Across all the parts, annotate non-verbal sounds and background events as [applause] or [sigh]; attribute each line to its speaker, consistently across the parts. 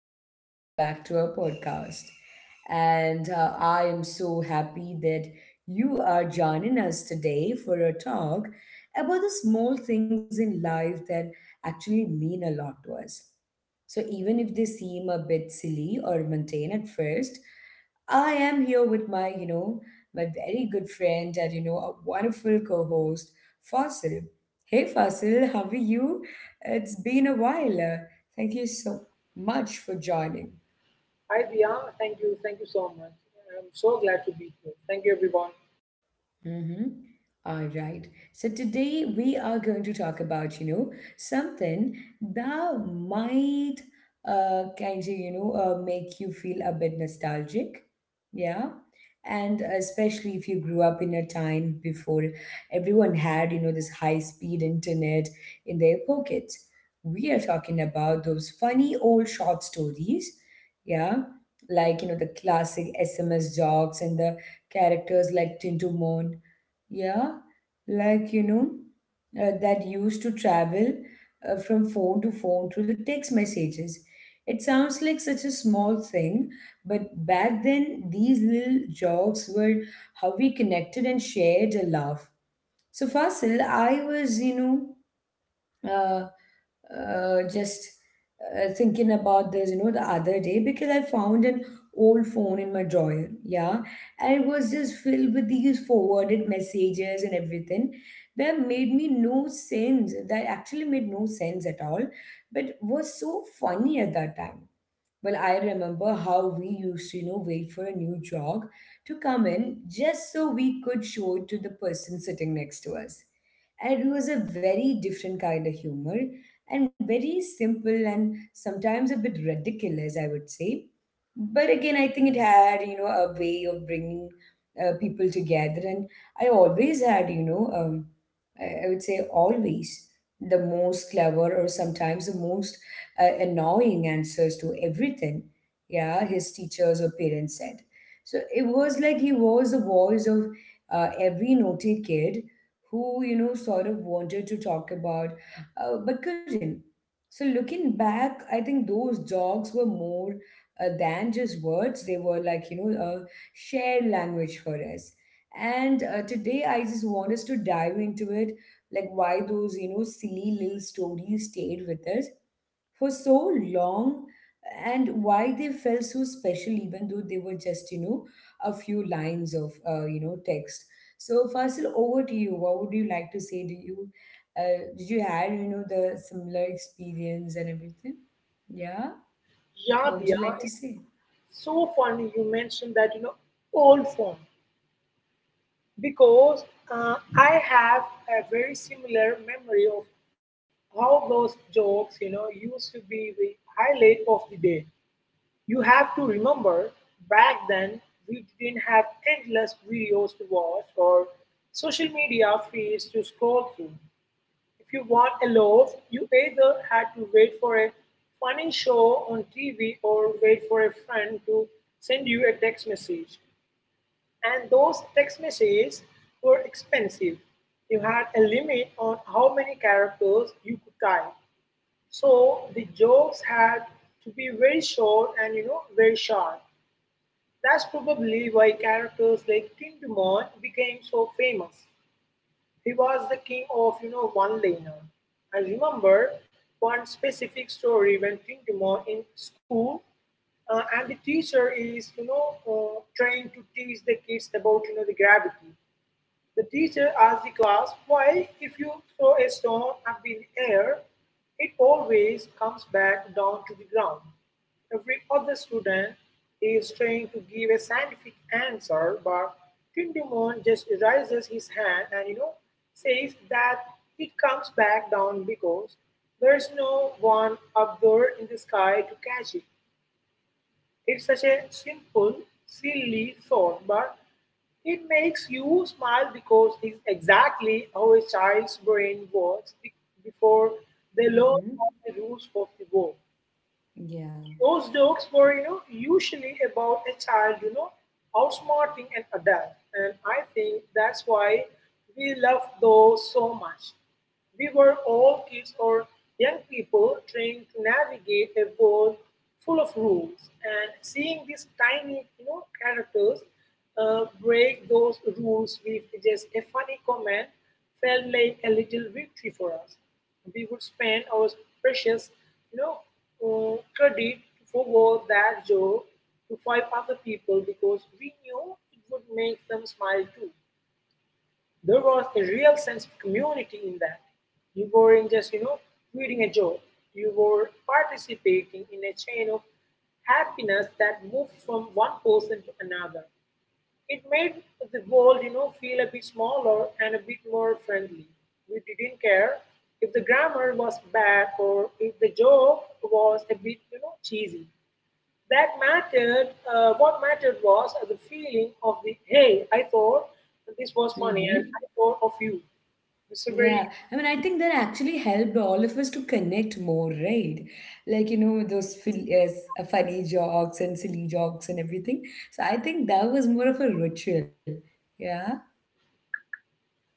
Speaker 1: welcome back to our podcast. And I am so happy that you are joining us today for a talk about the small things in life that actually mean a lot to us. So, even if they seem a bit silly or mundane at first, I am here with my my very good friend and, a wonderful co host, Fasil. Hey, Fasil, how are you? It's been a while. Thank you so much for joining.
Speaker 2: Hi Diya, thank you so much. I'm so glad to be here. Thank you everyone.
Speaker 1: Mm-hmm. All right. So today we are going to talk about, you know, something that might kind of make you feel a bit nostalgic. Yeah. And especially if you grew up in a time before everyone had, you know, this high-speed internet in their pockets. We are talking about those funny old short stories. Yeah. Like, you know, the classic SMS jokes and the characters like Tintumon, yeah, like that used to travel from phone to phone through the text messages. It sounds like such a small thing, but back then these little jokes were how we connected and shared a laugh. So Fasil, I was you know, uh, uh, just uh, thinking about this, you know, the other day because I found an old phone in my drawer, yeah, and it was just filled with these forwarded messages and everything that made me no sense, that actually made no sense at all, but was so funny at that time. Well, I remember how we used to, you know, wait for a new jog to come in just so we could show it to the person sitting next to us. And it was a very different kind of humor and very simple and sometimes a bit ridiculous, I would say, but again I think it had, you know, a way of bringing people together and I always had, you know, I would say always the most clever or sometimes the most annoying answers to everything, yeah, his teachers or parents said. So it was like he was the voice of every naughty kid who, you know, sort of wanted to talk about, but couldn't. So looking back, I think those dogs were more than just words. They were like, you know, a shared language for us. And today I just want us to dive into it, like why those, you know, silly little stories stayed with us for so long, and why they felt so special, even though they were just, you know, a few lines of, text. So, Fasil, over to you. What would you like to say? Do you, did you had, you know, the similar experience and everything? Yeah.
Speaker 2: Yeah,
Speaker 1: What would you
Speaker 2: Diya,
Speaker 1: like to say?
Speaker 2: it's so funny you mentioned that old phone because I have a very similar memory of how those jokes used to be the highlight of the day. You have to remember back then we didn't have endless videos to watch or social media feeds to scroll through. If you want a loaf, you either had to wait for a funny show on TV or wait for a friend to send you a text message. And those text messages were expensive. You had a limit on how many characters you could type. So the jokes had to be very short and very sharp. That's probably why characters like Tin Timon became so famous. He was the king of one-liner. I remember one specific story when Tintimo in school, and the teacher is trying to teach the kids about the gravity. The teacher asked the class why, if you throw a stone up in the air, it always comes back down to the ground. Every other student is trying to give a scientific answer, but Tindumon just raises his hand and says that it comes back down because there's no one up there in the sky to catch it. It's such a simple, silly thought, but it makes you smile because it's exactly how a child's brain works before they learn
Speaker 1: Mm-hmm.
Speaker 2: all the rules of the world.
Speaker 1: Yeah.
Speaker 2: Those jokes were, you know, usually about a child, you know, outsmarting an adult. And I think that's why we love those so much. We were all kids or young people trying to navigate a world full of rules, and seeing these tiny, you know, characters break those rules with just a funny comment felt like a little victory for us. We would spend our precious, you know, credit to forward that joke to five other people because we knew it would make them smile too. There was a real sense of community in that. You weren't just, you know, reading a joke. You were participating in a chain of happiness that moved from one person to another. It made the world, you know, feel a bit smaller and a bit more friendly. We didn't care if the grammar was bad or if the joke was a bit, you know, cheesy. That mattered. What mattered was the feeling of the hey, I thought this was funny,
Speaker 1: Mm-hmm.
Speaker 2: and I thought of you. It's a very.
Speaker 1: Yeah. I mean, I think that actually helped all of us to connect more, right? Like, you know, those yes, funny jokes and silly jokes and everything. So I think that was more of a ritual. Yeah.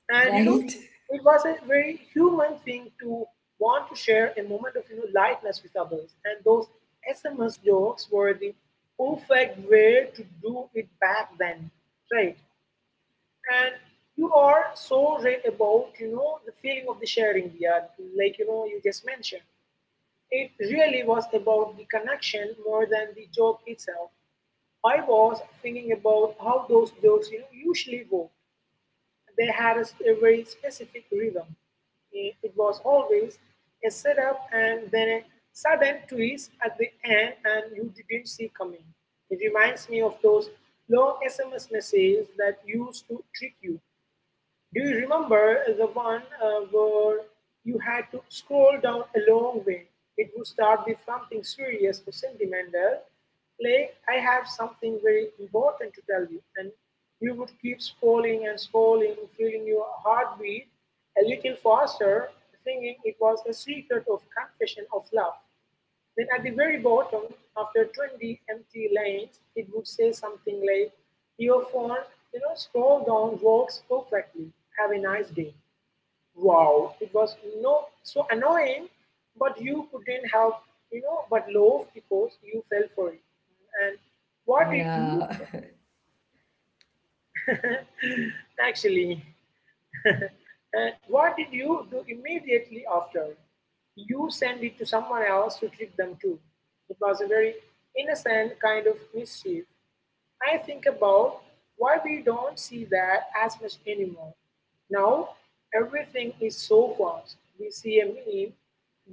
Speaker 2: And you know,
Speaker 1: Right? [laughs]
Speaker 2: it was a very human thing to want to share a moment of lightness with others. And those SMS jokes were the perfect way to do it back then, right? And you are so right about the feeling of the sharing, yeah, like you just mentioned. It really was about the connection more than the joke itself. I was thinking about how those jokes usually go, they had a very specific rhythm. It was always a setup and then a sudden twist at the end, and you didn't see coming. It reminds me of those long SMS messages that used to trick you. Do you remember the one where you had to scroll down a long way? It would start with something serious or sentimental, like "I have something very important to tell you," and you would keep scrolling and scrolling, feeling your heart beat a little faster, thinking it was a secret of confession of love. Then at the very bottom, after 20 empty lanes, it would say something like, "Your phone, you know, scroll down works perfectly. Have a nice day." Wow, it was no so annoying, but you couldn't have, you know, but love because you fell for it. And what did you
Speaker 1: Yeah.
Speaker 2: do?
Speaker 1: [laughs]
Speaker 2: [laughs] Actually? And what did you do immediately after? You send it to someone else to trick them too. It was a very innocent kind of mischief. I think about why we don't see that as much anymore. Now, everything is so fast. We see a meme,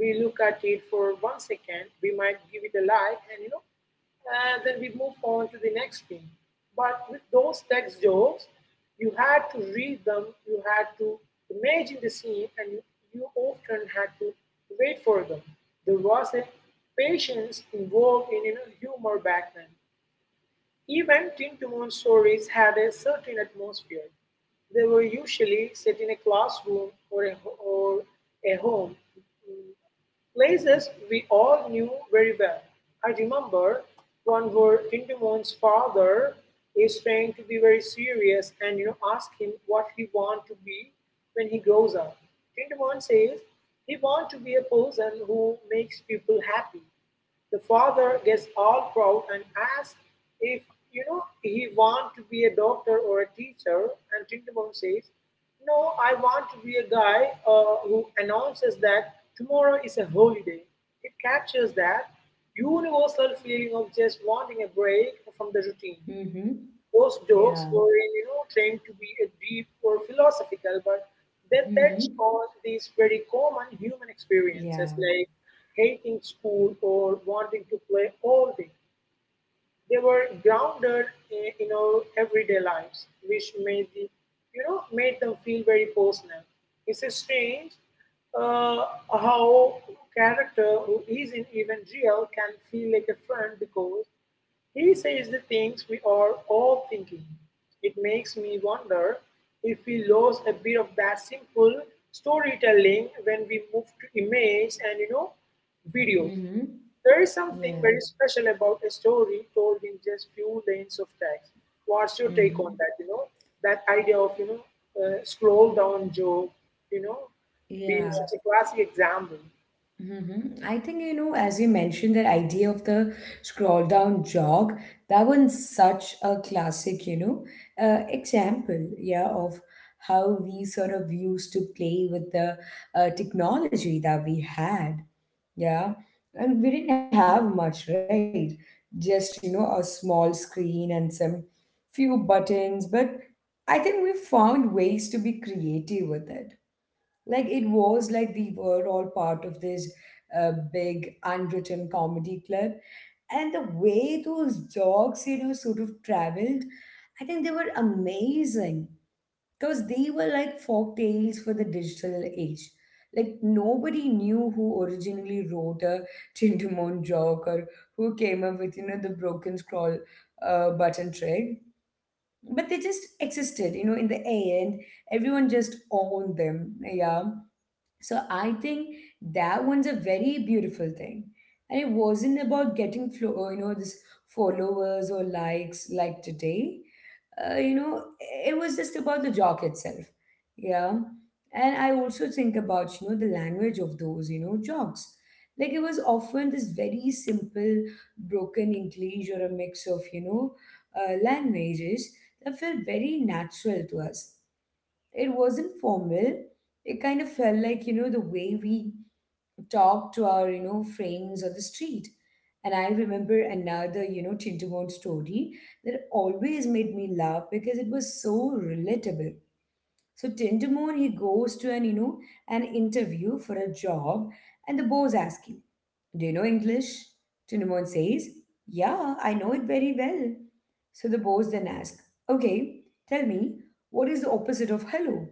Speaker 2: we look at it for 1 second, we might give it a like, and you know, and then we move on to the next thing. But with those text jokes, you had to read them, you had to imagine the scene, and you often had to wait for them. There was a patience involved in, you know, humor back then. Even Tin-Toon stories had a certain atmosphere. They were usually set in a classroom or a home, mm, places we all knew very well. I remember one where Tintamon's father is trying to be very serious and ask him what he want to be when he grows up. Tintamon says he want to be a person who makes people happy. The father gets all proud and asks if he want to be a doctor or a teacher, and Tintamon says, "No, I want to be a guy who announces that tomorrow is a holiday." It captures that universal feeling of just wanting a break from the routine.
Speaker 1: Mm-hmm.
Speaker 2: Those
Speaker 1: Yeah.
Speaker 2: jokes were, you know, trained to be a deep or philosophical, but they touched
Speaker 1: Mm-hmm.
Speaker 2: on these very common human
Speaker 1: Yeah.
Speaker 2: experiences like hating school or wanting to play all day. They were grounded in our everyday lives, which made the, you know, made them feel very personal. It's a strange uh, how character who isn't even real can feel like a friend because he says the things we are all thinking. It makes me wonder if we lose a bit of that simple storytelling when we move to images and videos.
Speaker 1: Mm-hmm.
Speaker 2: There is something
Speaker 1: Yeah.
Speaker 2: very special about a story told in just few lanes of text. What's your take on
Speaker 1: Mm-hmm.
Speaker 2: that? You know, that idea of scroll down Job, you know, being
Speaker 1: Yeah.
Speaker 2: such a classic example.
Speaker 1: Mm-hmm. I think, you know, as you mentioned, that idea of the scroll down jog, that one's such a classic, you know, example, yeah, of how we sort of used to play with the technology that we had, yeah. And we didn't have much, right? Just, you know, a small screen and some few buttons, but I think we found ways to be creative with it. Like it was like we were all part of this big unwritten comedy club, and the way those dogs, you know, sort of traveled, I think they were amazing, because they were like folk tales for the digital age. Like nobody knew who originally wrote a Tintamon joke or who came up with, you know, the broken scroll button trick, but they just existed, you know, in the air, and everyone just owned them, yeah. So I think that one's a very beautiful thing. And it wasn't about getting you know, this followers or likes like today. You know, it was just about the joke itself. Yeah. And I also think about, you know, the language of those, you know, jokes. Like it was often this very simple broken English or a mix of, you know, languages that felt very natural to us. It wasn't formal. It kind of felt like, you know, the way we talked to our, you know, friends on the street. And I remember another, you know, Tintamount story that always made me laugh because it was so relatable. So Tintamount, he goes to an, you know, an interview for a job, and the boss asking, do you know English? Tintamount says, yeah, I know it very well. So the boss then asks, okay, tell me, what is the opposite of hello?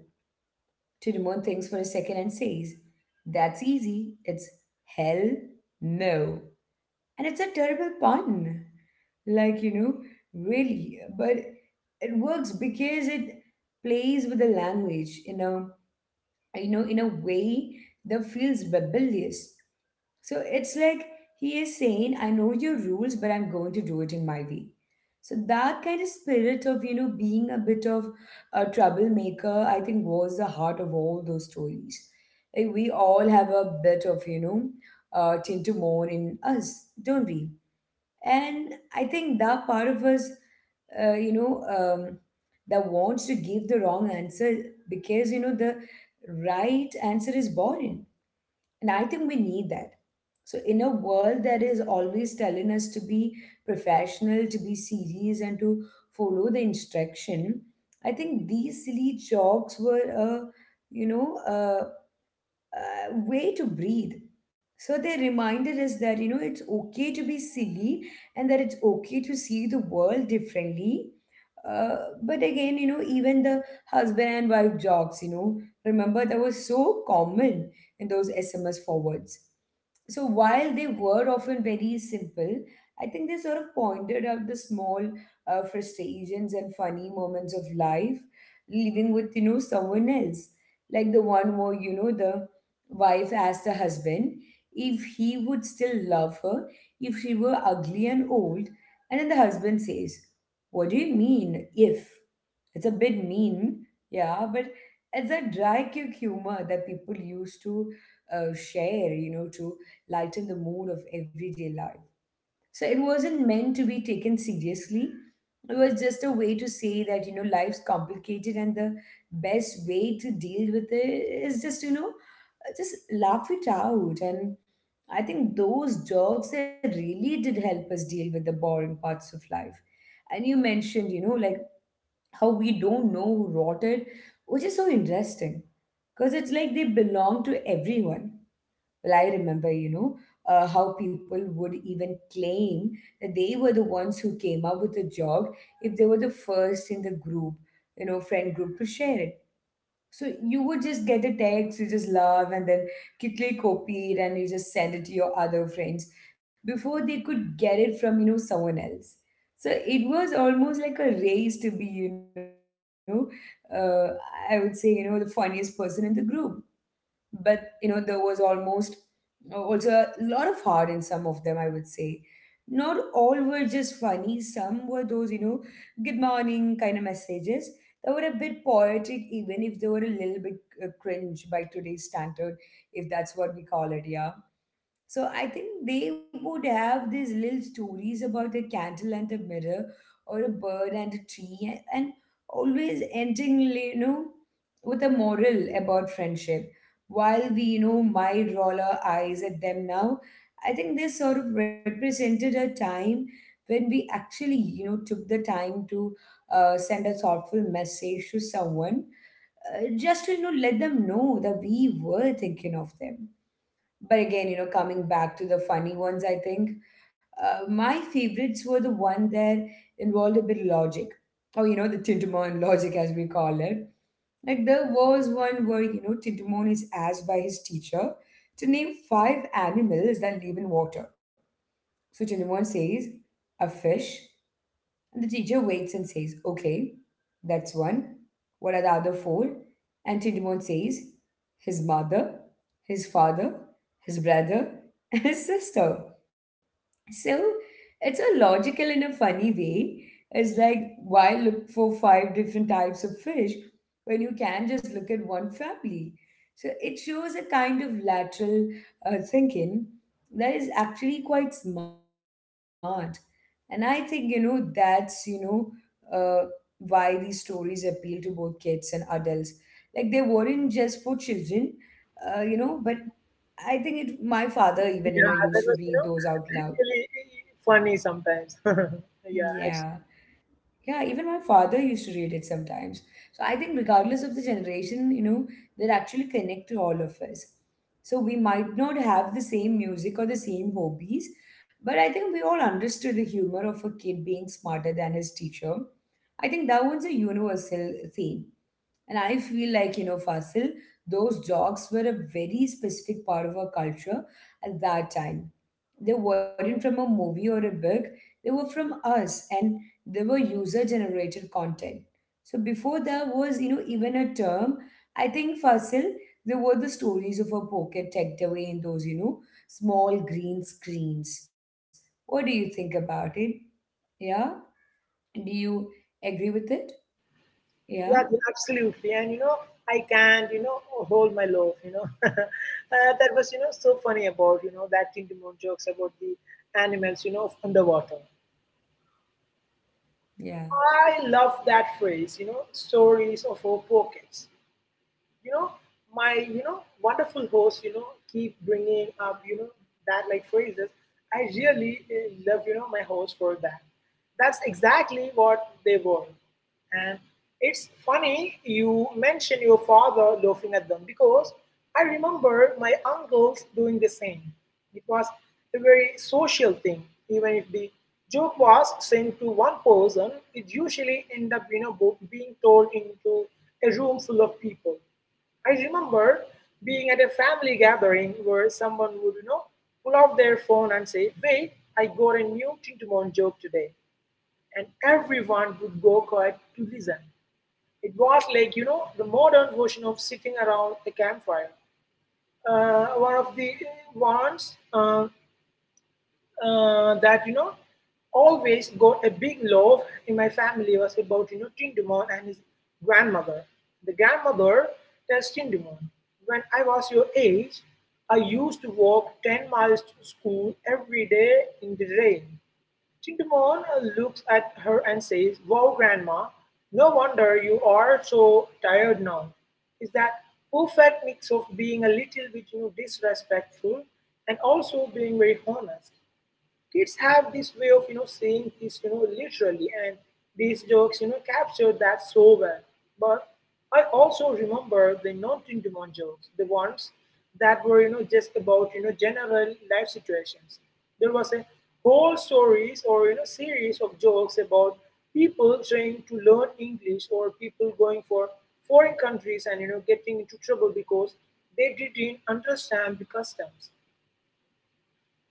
Speaker 1: To remove things for a second and says, that's easy. It's hell no. And it's a terrible pun. Like, you know, really. But it works because it plays with the language in a, you know, in a way that feels rebellious. So it's like he is saying, I know your rules, but I'm going to do it in my way. So that kind of spirit of, you know, being a bit of a troublemaker, I think was the heart of all those stories. Like we all have a bit of, you know, Tintamon in us, don't we? And I think that part of us, uh, you know, um, that wants to give the wrong answer, because, you know, the right answer is boring, and I think we need that. So, in a world that is always telling us to be professional, to be serious, and to follow the instruction, I think these silly jokes were a, you know, a, a way to breathe. So they reminded us that, you know, it's okay to be silly and that it's okay to see the world differently. But again, you know, even the husband and wife jokes, you know, remember that was so common in those SMS forwards. So while they were often very simple, I think they sort of pointed out the small frustrations and funny moments of life, living with, you know, someone else, like the one where, you know, the wife asked the husband if he would still love her if she were ugly and old, and then the husband says, what do you mean, if? It's a bit mean, yeah, but it's a dry kick humor that people used to share, you know, to lighten the mood of everyday life. So it wasn't meant to be taken seriously. It was just a way to say that, you know, life's complicated and the best way to deal with it is just, you know, just laugh it out. And I think those jokes, they really did help us deal with the boring parts of life. And you mentioned, you know, like how we don't know who wrote it, which is so interesting because it's like they belong to everyone. Well, I remember, you know, how people would even claim that they were the ones who came up with the jog if they were the first in the group, you know, friend group to share it. So you would just get a text, you just love, and then quickly copy it and you just send it to your other friends before they could get it from, you know, someone else. So it was almost like a race to be, you know, uh, I would say, you know, the funniest person in the group. But you know there was almost also a lot of heart in some of them, I would say. Not all were just funny. Some were those, you know, good morning kind of messages that were a bit poetic, even if they were a little bit cringe by today's standard, if that's what we call it, yeah. So I think they would have these little stories about a candle and a mirror, or a bird and a tree, and always ending, you know, with a moral about friendship. While we, you know, might roll our eyes at them now, I think this sort of represented a time when we actually, you know, took the time to send a thoughtful message to someone, just to, you know, let them know that we were thinking of them. But again, you know, coming back to the funny ones, I think my favorites were the one that involved a bit of logic, or you know, the Tintamon logic as we call it. Like there was one where, you know, Tintamon is asked by his teacher to name five animals that live in water. So Tintamon says a fish, and the teacher waits and says, "Okay, that's one. What are the other four?" And Tidimon says, "His mother, his father, his brother, [laughs] and his sister." So it's a logical in a funny way. It's like why look for five different types of fish when you can just look at one family? So it shows a kind of lateral thinking that is actually quite smart. And I think, uh, why these stories appeal to both kids and adults. Like they weren't just for children, but I think my father
Speaker 2: Yeah,
Speaker 1: even,
Speaker 2: [laughs] that
Speaker 1: used
Speaker 2: was
Speaker 1: to read those out
Speaker 2: [laughs]
Speaker 1: loud
Speaker 2: really funny sometimes. [laughs] yeah, ex-
Speaker 1: yeah. Yeah, even my father used to read it sometimes. So I think regardless of the generation, you know, they're actually connect to all of us. So we might not have the same music or the same hobbies, but I think we all understood the humor of a kid being smarter than his teacher. I think that one's a universal theme. And I feel like, you know, Fasil, those jokes were a very specific part of our culture at that time. They weren't from a movie or a book, they were from us and they were user generated content. So before there was, you know, even a term, I think Fasil, they were the stories of a pocket tucked away in those, you know, small green screens. What do you think about it? Yeah? Do you agree with it? Yeah?
Speaker 2: yeah, absolutely. And you know, I can't hold my love. You know, [laughs] that was so funny about that Tintin jokes about the animals of underwater.
Speaker 1: Yeah.
Speaker 2: I love that phrase, you know, stories of our pockets. You know, my wonderful host keep bringing up that like phrases. I really love my host for that. That's exactly what they were. And it's funny you mention your father laughing at them because I remember my uncles doing the same. It was a very social thing. Even if the joke was sent to one person, it usually end up being told into a room full of people. I remember being at a family gathering where someone would, you know, pull out their phone and say, "Wait, I got a new Tintamon joke today." And everyone would go quiet to listen. It was like, you know, the modern version of sitting around a campfire. One of the ones that you know always got a big love in my family was about Tindumon and his grandmother. The grandmother tells Tindumon, when I was your age, I used to walk 10 miles to school every day in the rain. Tindumon looks at her and says, "Wow, grandma, no wonder you are so tired now." Is that perfect mix of being a little bit, you know, disrespectful and also being very honest? Kids have this way of saying things literally, and these jokes captured that so well. But I also remember the non-tindemon jokes, the ones that were, you know, just about general life situations. There was a whole stories or series of jokes about people trying to learn english or people going for foreign countries and getting into trouble because they didn't understand the customs.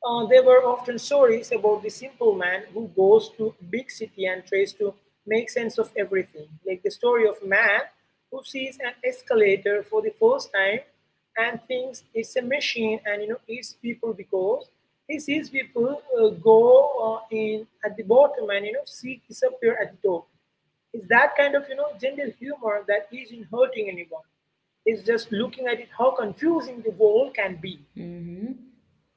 Speaker 2: There were often stories about the simple man who goes to big city and tries to make sense of everything, like the story of man who sees an escalator for the first time and thinks it's a machine and eats people because he sees people go in at the bottom and see disappear at the top. It's that kind of, you know, gentle humor that isn't hurting anyone. It's just looking at it how confusing the world can be.
Speaker 1: Mm-hmm.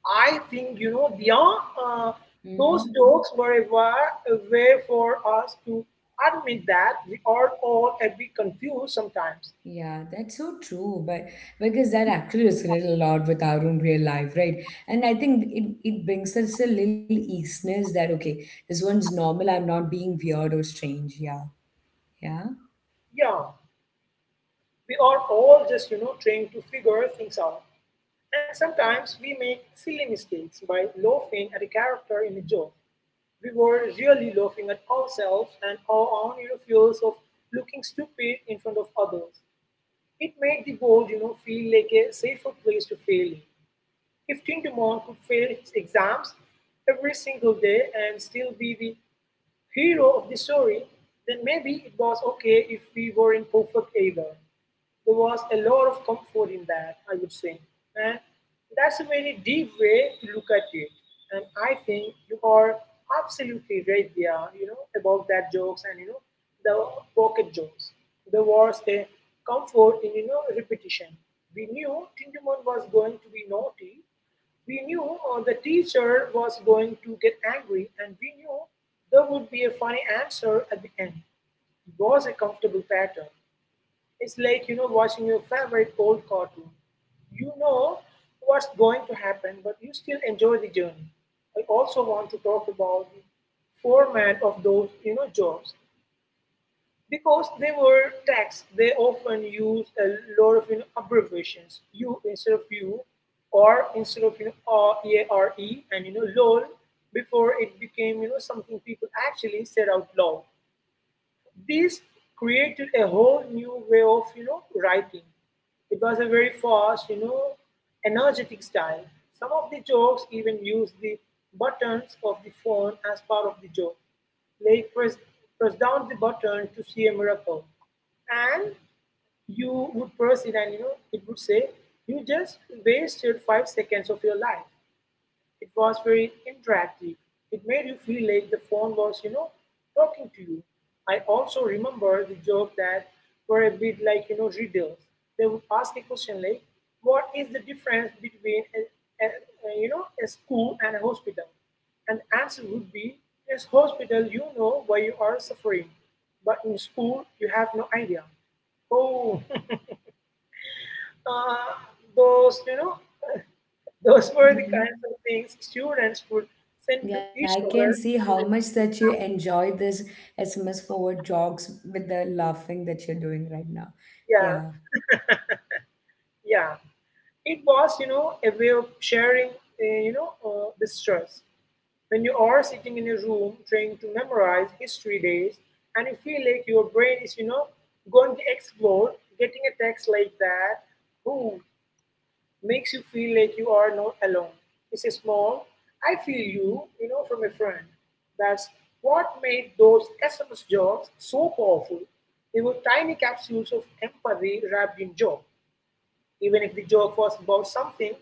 Speaker 2: I think, you know, beyond
Speaker 1: Mm-hmm.
Speaker 2: those jokes were a way for us to admit that we are all a bit confused sometimes.
Speaker 1: Yeah, that's so true. But because that actually resonates a lot with our own real life, right? And I think it brings us a little easiness that, okay, this one's normal. I'm not being weird or strange. Yeah. Yeah.
Speaker 2: Yeah, we are all just, you know, trying to figure things out, and sometimes we make silly mistakes by laughing at a character in a joke. We were really laughing at ourselves and our own fears of looking stupid in front of others. It made the world feel like a safer place to fail in. If Tintamon could fail his exams every single day and still be the hero of the story, then maybe it was okay if we weren't perfect either. There was a lot of comfort in that, I would say, and that's a very deep way to look at it. And I think you are absolutely right there, about that jokes and the pocket jokes. There was a comfort in repetition. We knew Tintamon was going to be naughty. We knew the teacher was going to get angry, and we knew there would be a funny answer at the end. It was a comfortable pattern. It's like, you know, watching your favorite old cartoon. You know what's going to happen, but you still enjoy the journey. I also want to talk about the format of those, you know, jobs. Because they were tags, they often use a lot of abbreviations. You instead of you, or instead of R, E, R, E, and LOL before it became, you know, something people actually said out loud. This created a whole new way of writing. It was a very fast, you know, energetic style. Some of the jokes even used the buttons of the phone as part of the joke. Like press down the button to see a miracle, and you would press it, and it would say you just wasted 5 seconds of your life. It was very interactive. It made you feel like the phone was, you know, talking to you. I also remember the joke that were a bit like, you know, riddles. They would ask a question like, what is the difference between a school and a hospital? And the answer would be, yes, hospital, you know why you are suffering. But in school, you have no idea. Oh, [laughs] uh, those, those were the
Speaker 1: Mm-hmm.
Speaker 2: kinds of things students would send to
Speaker 1: Yeah,
Speaker 2: each
Speaker 1: I can
Speaker 2: other.
Speaker 1: see how much that you enjoy this SMS forward jogs with the laughing that you're doing right now.
Speaker 2: Yeah,
Speaker 1: Yeah.
Speaker 2: yeah. It was, you know, a way of sharing, the stress. When you are sitting in a room trying to memorize history days and you feel like your brain is, you know, going to explode, getting a text like that, ooh, makes you feel like you are not alone. It's a small, I feel you, you know, from a friend. That's what made those SMS jobs so powerful. They were tiny capsules of empathy wrapped in job even if the joke was about something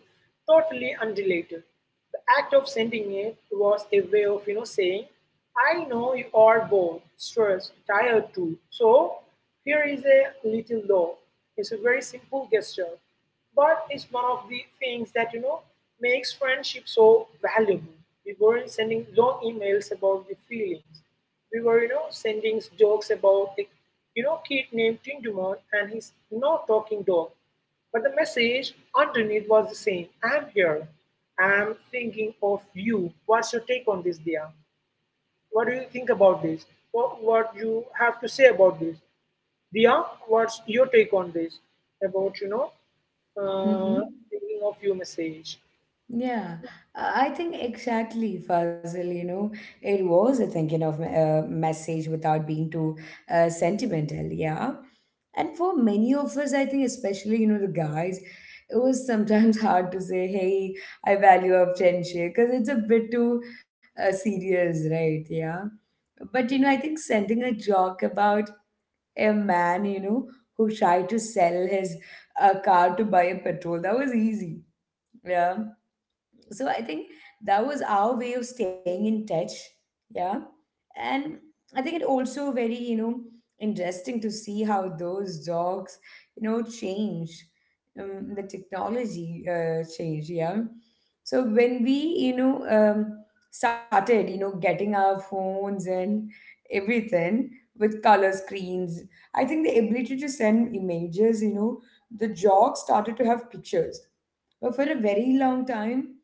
Speaker 2: totally unrelated. The act of sending it was a way of, you know, saying, I know you are bored, stressed, tired too. So here is a little law. It's a very simple gesture, but it's one of the things that, you know, makes friendship so valuable. We weren't sending long emails about the feelings. We were, you know, sending jokes about the, you know, kid named Tindumon and his no talking dog but the message underneath was the same I'm here. I'm thinking of you. What's your take on this, Dia? What do you think about this? What you have to say about this? Dia, what's your take on this? About, uh,
Speaker 1: Mm-hmm.
Speaker 2: thinking of you message.
Speaker 1: Yeah, I think exactly, Fazil. You know, it was a thinking of a message without being too sentimental. Yeah. And for many of us, I think, especially, you know, the guys, it was sometimes [laughs] hard to say, "Hey, I value our friendship," because it's a bit too serious, right? Yeah. But, you know, I think sending a joke about a man, you know, who tried to sell his car to buy a petrol, that was easy. Yeah, so I think that was our way of staying in touch. Yeah. And I think it also very, you know, interesting to see how those dogs, you know, change, the technology change. Yeah. So when we, you know um, started, you know, getting our phones and everything with color screens, I think the ability to send images, you know, the dogs started to have pictures. But for a very long time,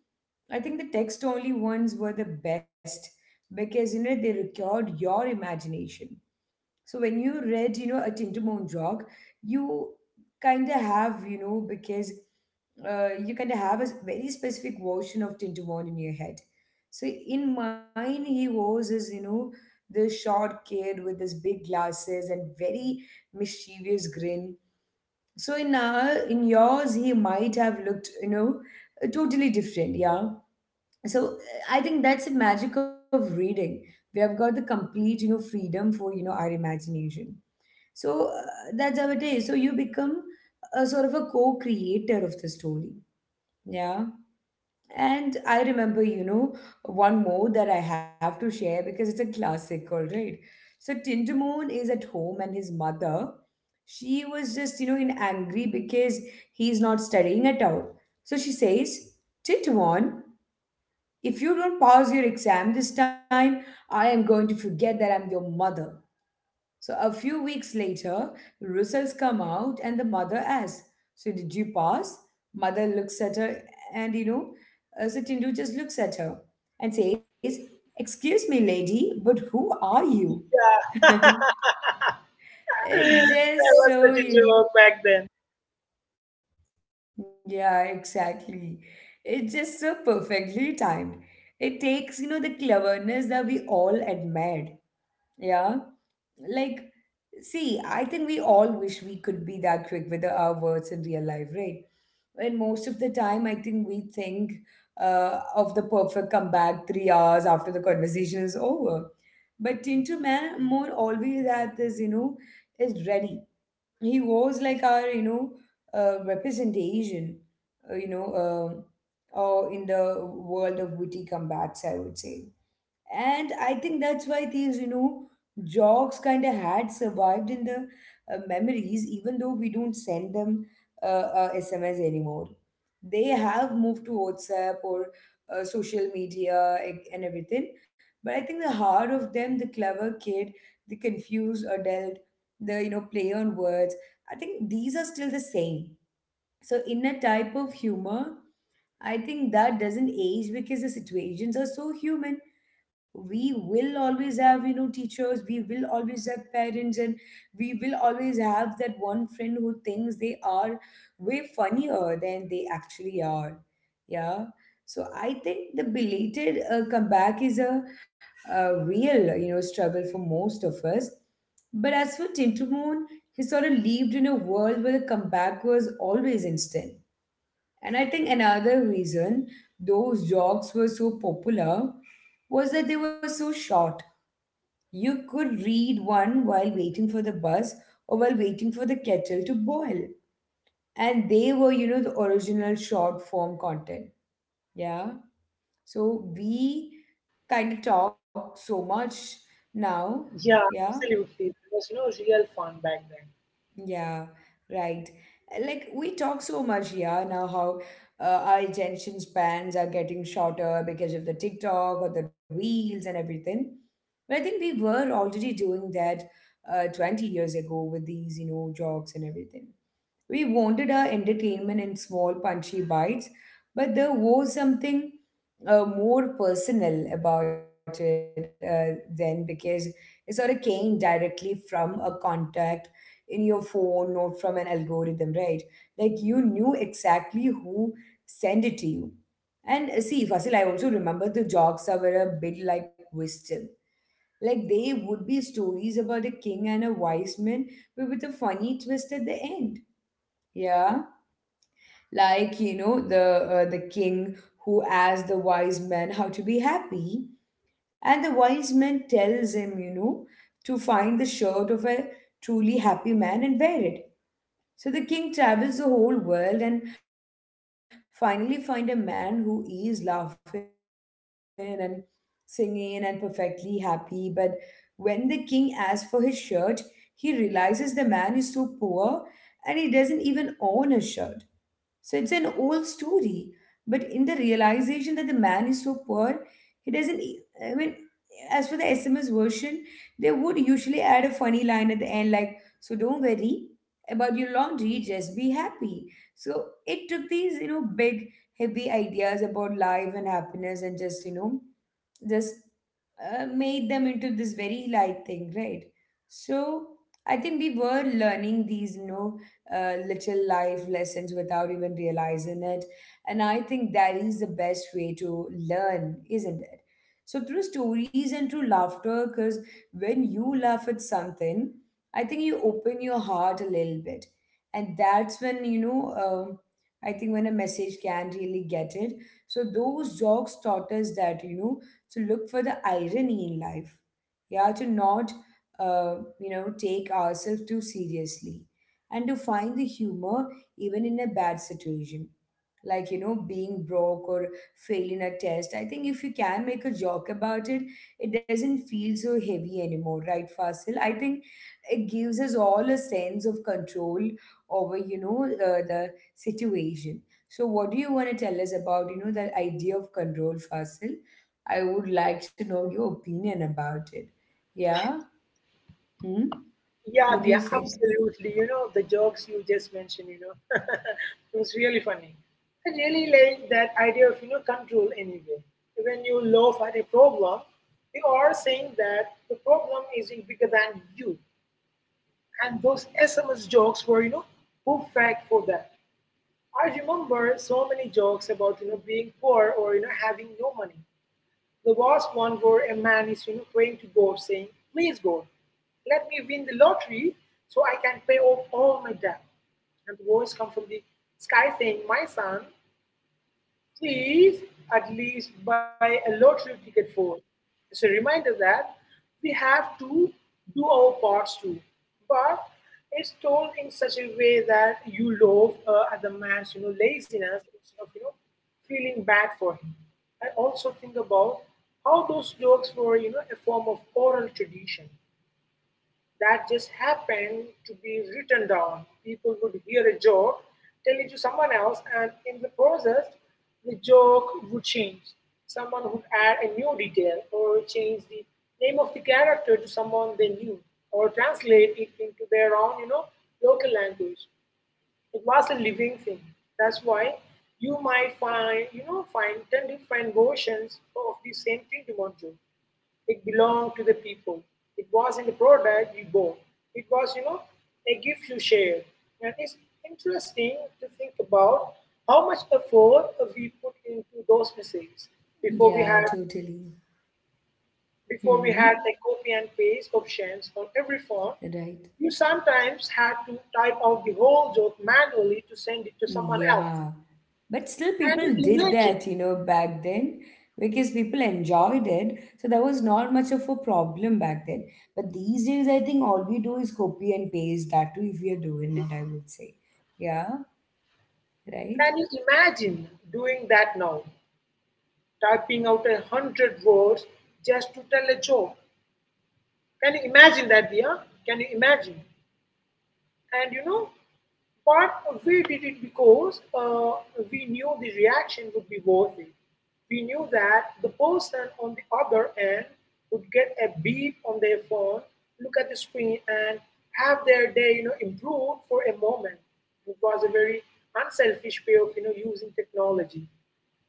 Speaker 1: I think the text only ones were the best because you know they required your imagination. So when you read, you know, a Tintamon Jog, you kind of have, you know, because you kind of have a very specific version of Tintamon in your head. So in mine, he was is you know the short kid with his big glasses and very mischievous grin. So in in yours, he might have looked, you know, totally different. Yeah. So I think that's the magic of reading. We have got the complete, you know, freedom for you know our imagination. So uh, that's how it is. So you become a sort of a co-creator of the story. Yeah. And I remember, you know, one more that I have to share because it's a classic, all right. So Tindamoon is at home and his mother, she was just, you know, in angry because he's not studying at all. So she says, "Tindamoon, if you don't pass your exam this time, I am going to forget that I'm your mother." So a few weeks later, results come out and the mother asks, "So did you pass?" Mother looks at her and, you know, Tindu just looks at her and says, "Excuse me, lady, but who are you?"
Speaker 2: Yeah. [laughs]
Speaker 1: [laughs] It's
Speaker 2: That was such
Speaker 1: just
Speaker 2: a
Speaker 1: so,
Speaker 2: joke back then.
Speaker 1: yeah, exactly. It's just so perfectly timed. It takes, you know, the cleverness that we all admired. Yeah. Like, see, I think we all wish we could be that quick with our words in real life, right? And most of the time, I think we think of the perfect comeback 3 hours after the conversation is over. But Tinto Man more always at this, you know, is ready. He was like our, you know, representation, uh, you know, um or in the world of witty comebacks, I would say. And I think that's why these, you know, jokes kind of had survived in the memories, even though we don't send them sms anymore. They have moved to WhatsApp or social media and everything. But I think the heart of them, the clever kid, the confused adult, the, you know, play on words, I think these are still the same. So in a type of humor, I think that doesn't age because the situations are so human. We will always have, you know, teachers, we will always have parents, and we will always have that one friend who thinks they are way funnier than they actually are. Yeah. So I think the belated comeback is a real, you know, struggle for most of us. But as for Tintamoon, he sort of lived in a world where the comeback was always instant. And I think another reason those jogs were so popular was that they were so short. You could read one while waiting for the bus or while waiting for the kettle to boil. And they were, you know, the original short form content. Yeah. So we kind of talk so much now.
Speaker 2: Yeah,
Speaker 1: Yeah.
Speaker 2: absolutely. It was, you know, real fun back then.
Speaker 1: Yeah, right. Like we talk so much, yeah, now how our attention spans are getting shorter because of the TikTok or the reels and everything. But I think we were already doing that 20 years ago with these, you know, jogs and everything. We wanted our entertainment in small, punchy bites, but there was something more personal about it then because it sort of came directly from a contact in your phone, not from an algorithm, right? Like you knew exactly who sent it to you. And see, Fasil, I also remember the jokes that were a bit like wisdom. Like they would be stories about a king and a wise man, but with a funny twist at the end. Yeah, like, you know, the king who asks the wise man how to be happy, and the wise man tells him, you know, to find the shirt of a truly happy man and wear it. So the king travels the whole world and finally find a man who is laughing and singing and perfectly happy, but when the king asks for his shirt, he realizes the man is so poor and he doesn't even own a shirt. So it's an old story. But in the realization that the man is so poor, he doesn't. E- I mean, as for the SMS version, they would usually add a funny line at the end, like, "So don't worry about your laundry, just be happy." So it took these, you know, big, heavy ideas about life and happiness and just, you know, just made them into this very light thing, right? So I think we were learning these, you know, little life lessons without even realizing it. And I think that is the best way to learn, isn't it? So through stories and through laughter, because when you laugh at something, I think you open your heart a little bit. And that's when, I think when a message can't really get it. So those jokes taught us that, you know, to look for the irony in life. Yeah, to not, you know, take ourselves too seriously and to find the humor even in a bad situation, like, you know, being broke or failing a test. I think if you can make a joke about it, it doesn't feel so heavy anymore, right, Fasil? I think it gives us all a sense of control over, you know, the situation. So what do you want to tell us about, you know, that idea of control, Fasil? I would like to know your opinion about it. Yeah. Hmm?
Speaker 2: Yeah,
Speaker 1: What do you
Speaker 2: yeah,
Speaker 1: think?
Speaker 2: absolutely. You know, the jokes you just mentioned, you know, [laughs] it was really funny. I really like that idea of, you know, control anyway. When you laugh at a problem, you are saying that the problem is bigger than you. And those SMS jokes were, you know, perfect for that. I remember so many jokes about, being poor or, having no money. There was one where a man is praying to God, saying, please, God, let me win the lottery so I can pay off all my debt. And the voice comes from the sky saying, my son, please, at least buy a lottery ticket for. It's a reminder that we have to do our parts too. But it's told in such a way that you love at the man's laziness instead of feeling bad for him. I also think about how those jokes were a form of oral tradition that just happened to be written down. People would hear a joke, tell it to someone else, and in the process, the joke would change. Someone would add a new detail or change the name of the character to someone they knew or translate it into their own, you know, local language. It was a living thing. That's why you might find 10 different versions of the same Tintamon joke it belonged to the people. It wasn't a product you bought. It was, you know, a gift you shared. And it's interesting to think about how much effort we put into those messages before we
Speaker 1: Yeah,
Speaker 2: had
Speaker 1: totally.
Speaker 2: before we had
Speaker 1: Mm-hmm.
Speaker 2: a copy and paste options on every phone.
Speaker 1: Right.
Speaker 2: You sometimes had to type out the whole joke manually to send it to someone else.
Speaker 1: Yeah, but still, people did that, you know, back then because people enjoyed it. So that was not much of a problem back then. But these days, I think all we do is copy and paste that too, if we are doing it, I would say. Yeah, right?
Speaker 2: Can you imagine doing that now? Typing out a hundred words just to tell a joke. Can you imagine that, Dia? Can you imagine? And you know, but we did it because we knew the reaction would be worth it. We knew that the person on the other end would get a beep on their phone, look at the screen, and have their day, you know, improved for a moment. It was a very unselfish way of, you know, using technology.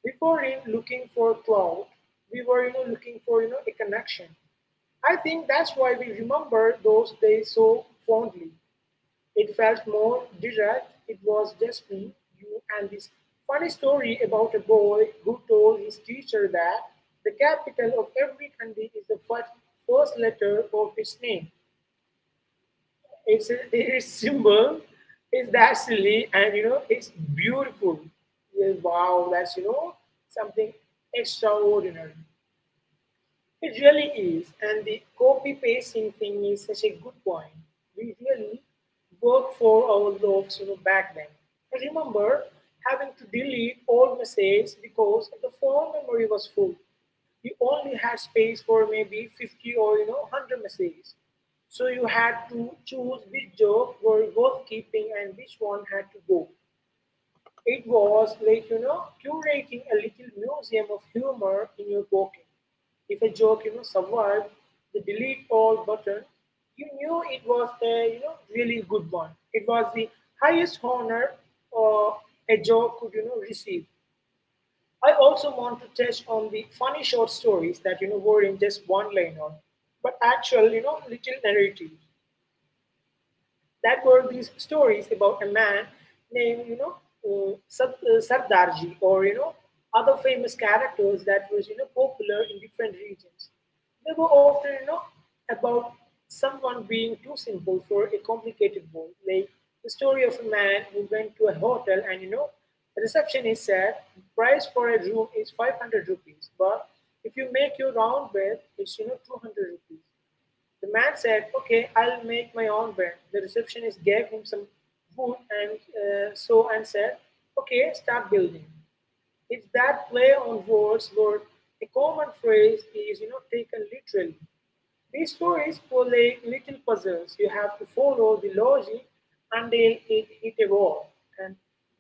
Speaker 2: We were in looking for cloud. We were, you know, looking for, you know, a connection. I think that's why we remember those days so fondly. It felt more direct. It was just me, you, and this funny story about a boy who told his teacher that the capital of every country is the first letter of its name. It's, its symbol is that silly and you know it's beautiful. Yeah, wow, that's something extraordinary. It really is, and the copy pasting thing is such a good point. We really worked for our loaves you know, back then. I remember having to delete all messages because the phone memory was full. You only had space for maybe 50 or 100 messages. So you had to choose which job were worth keeping and which one had to go. It was like, you know, curating a little museum of humor in your pocket. If a joke, you know, survived the delete all button, you knew it was a, you know, really good one. It was the highest honor uh, a joke could, you know, receive. I also want to touch on the funny short stories that, you know, were in just one line on, but actual, you know, little narrative that were these stories about a man named, Sardarji or, you know, other famous characters that was, you know, popular in different regions. They were often, you know, about someone being too simple for a complicated world. Like the story of a man who went to a hotel and, you know, the receptionist said, the price for a room is 500 rupees, but if you make your round bed, it's, you know, 200 rupees. The man said, "Okay, I'll make my own bed." The receptionist gave him some wood and saw and said, "Okay, start building." It's that play on words where a common phrase is you know taken literally. These stories were like little puzzles. You have to follow the logic until it hit a wall. And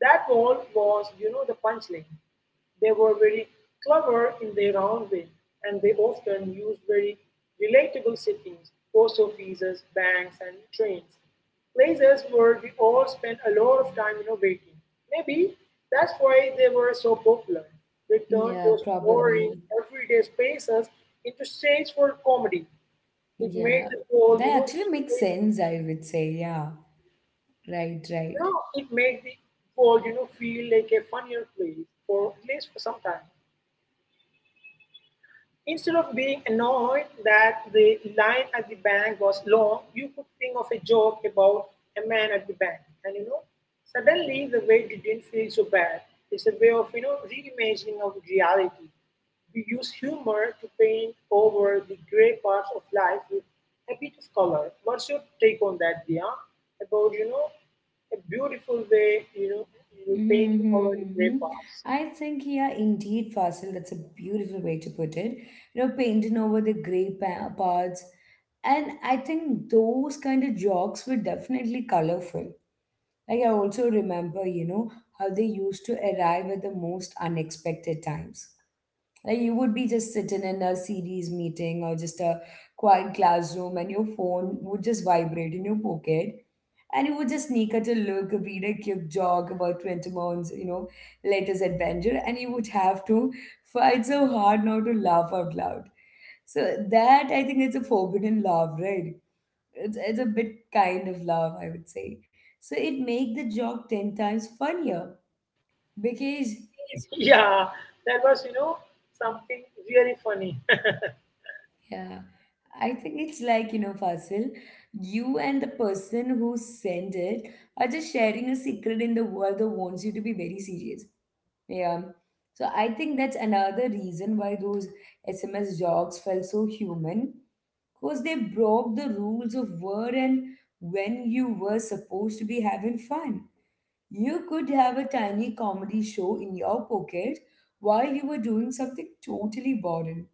Speaker 2: that wall was, you know, the punchline. They were very clever in their own way, and they often used very relatable settings post offices, banks, and trains. Places where we all spend a lot of time, you know, waiting. Maybe that's why they were so popular. They turned
Speaker 1: Yeah,
Speaker 2: those boring,
Speaker 1: probably.
Speaker 2: everyday spaces into stage for comedy. It
Speaker 1: Yeah,
Speaker 2: made the world,
Speaker 1: that actually makes sense, I would say. Yeah, right,
Speaker 2: you
Speaker 1: right.
Speaker 2: know, it made the world, you know, feel like a funnier place for at least for some time. Instead of being annoyed that the line at the bank was long, you could think of a joke about a man at the bank. And you know, suddenly the wait didn't feel so bad. It's a way of, you know, reimagining of reality. We use humor to paint over the gray parts of life with a bit of color. What's your take on that, Dia? About, you know, a beautiful way, you know, you paint
Speaker 1: Mm-hmm,
Speaker 2: over the gray
Speaker 1: mm-hmm.
Speaker 2: parts.
Speaker 1: I think, yeah, indeed, Fasil, that's a beautiful way to put it. You know, painting over the gray parts. And I think those kind of jokes were definitely colorful. Like, I also remember, you know, how they used to arrive at the most unexpected times. Like you would be just sitting in a series meeting or just a quiet classroom, and your phone would just vibrate in your pocket, and you would just sneak at a look, read a quick jog about 20 months, you know, latest adventure, and you would have to fight so hard not to laugh out loud. So that, I think, it's a forbidden love, right? It's a bit kind of love, I would say. So it make the joke ten times funnier because
Speaker 2: [laughs] Yeah, that was, you know, something really funny.
Speaker 1: yeah, I think it's like, you know, Fasil, you and the person who sent it are just sharing a secret in the world that wants you to be very serious. Yeah. So I think that's another reason why those SMS jogs felt so human, because they broke the rules of where and when you were supposed to be having fun. You could have a tiny comedy show in your pocket while you were doing something totally boring.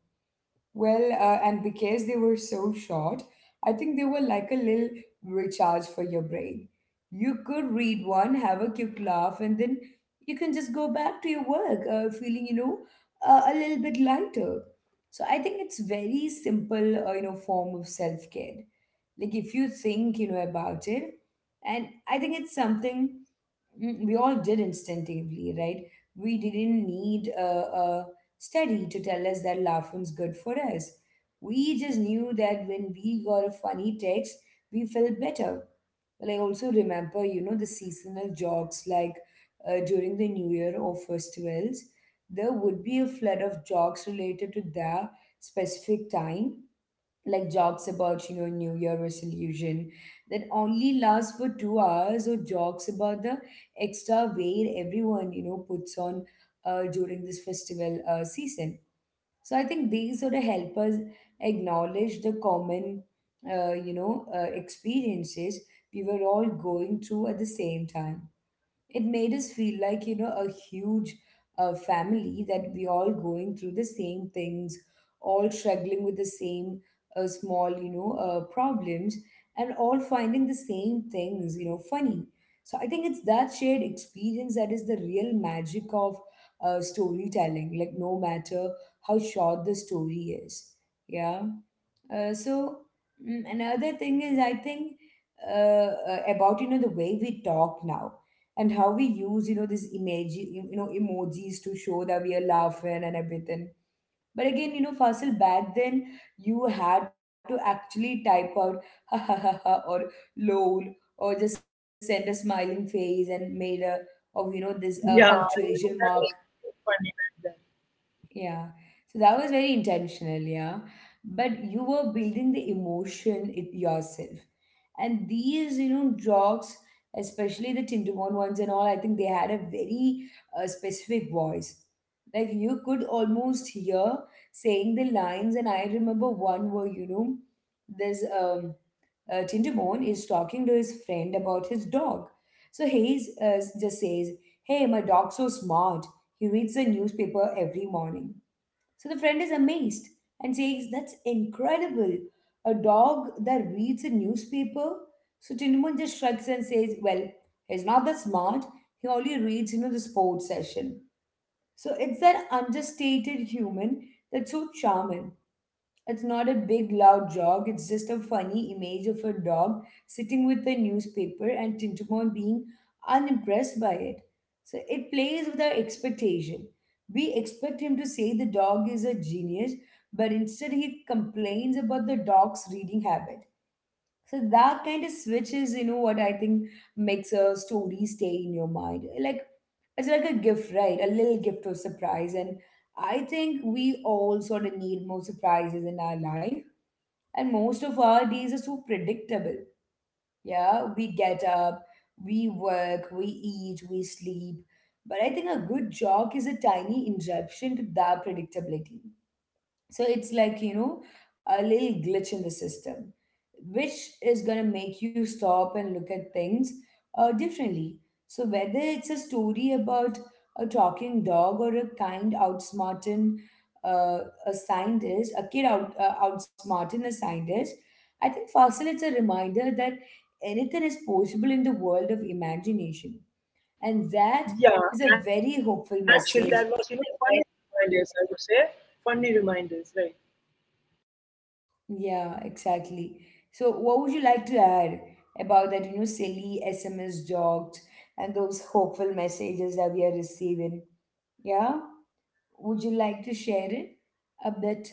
Speaker 1: Well, and because they were so short, I think they were like a little recharge for your brain. You could read one, have a quick laugh, and then you can just go back to your work, feeling, a little bit lighter. So I think it's very simple, you know, form of self-care. Like, if you think, you know, about it. And I think it's something we all did instinctively, right? We didn't need a study to tell us that laughing's good for us. We just knew that when we got a funny text, we felt better. Well, I also remember, you know, the seasonal jokes, like during the New Year or festivals, there would be a flood of jokes related to that specific time. Like jokes about, you know, new year resolution that only lasts for 2 hours, or jokes about the extra weight everyone, you know, puts on during this festival season. So I think these sort of help us acknowledge the common experiences we were all going through at the same time. It made us feel like, you know, a huge family, that we all going through the same things, all struggling with the same small, problems, and all finding the same things, you know, funny. So I think it's that shared experience that is the real magic of storytelling. Like, no matter how short the story is. Yeah. So another thing is, I think, about, you know, the way we talk now and how we use, you know, this image, you know, emojis to show that we are laughing and everything. But again, you know, Fasil, back then you had to actually type out [laughs] ha ha ha ha or lol, or just send a smiling face and made a of, you know, this
Speaker 2: [laughs] Yeah,
Speaker 1: punctuation mark.
Speaker 2: that was something funny back then.
Speaker 1: Yeah. So that was very intentional, yeah. But you were building the emotion it yourself. And these, you know, dogs, especially the Tintamon ones and all, I think they had a very specific voice. Like, you could almost hear saying the lines. And I remember one where, you know, there's Tinderbone is talking to his friend about his dog. So Hayes just says, "Hey, my dog's so smart. He reads the newspaper every morning." So the friend is amazed and says, "That's incredible. A dog that reads a newspaper?" So Tinderbone just shrugs and says, "Well, he's not that smart. He only reads, you know, the sports session." So it's that understated human that's so charming. It's not a big loud jog, it's just a funny image of a dog sitting with a newspaper and Tintamon being unimpressed by it. So it plays with our expectation. We expect him to say the dog is a genius, but instead he complains about the dog's reading habit. So that kind of switch is, you know, what I think makes a story stay in your mind. Like, it's like a gift, right? A little gift of surprise. And I think we all sort of need more surprises in our life. And most of our days are so predictable. Yeah, we get up, we work, we eat, we sleep. But I think a good joke is a tiny interruption to that predictability. So it's like, you know, a little glitch in the system, which is going to make you stop and look at things differently. So whether it's a story about a talking dog or a kind outsmarting uh, a kid outsmarting a scientist, I think, Fossil, it's a reminder that anything is possible in the world of imagination. And that
Speaker 2: Yeah,
Speaker 1: is a very
Speaker 2: actually, that
Speaker 1: hopeful
Speaker 2: was,
Speaker 1: message.
Speaker 2: funny reminders, I would say. Funny reminders, right?
Speaker 1: Yeah, exactly. So what would you like to add about that, you know, silly SMS jogged and those hopeful messages that we are receiving? Yeah, would you like to share it a bit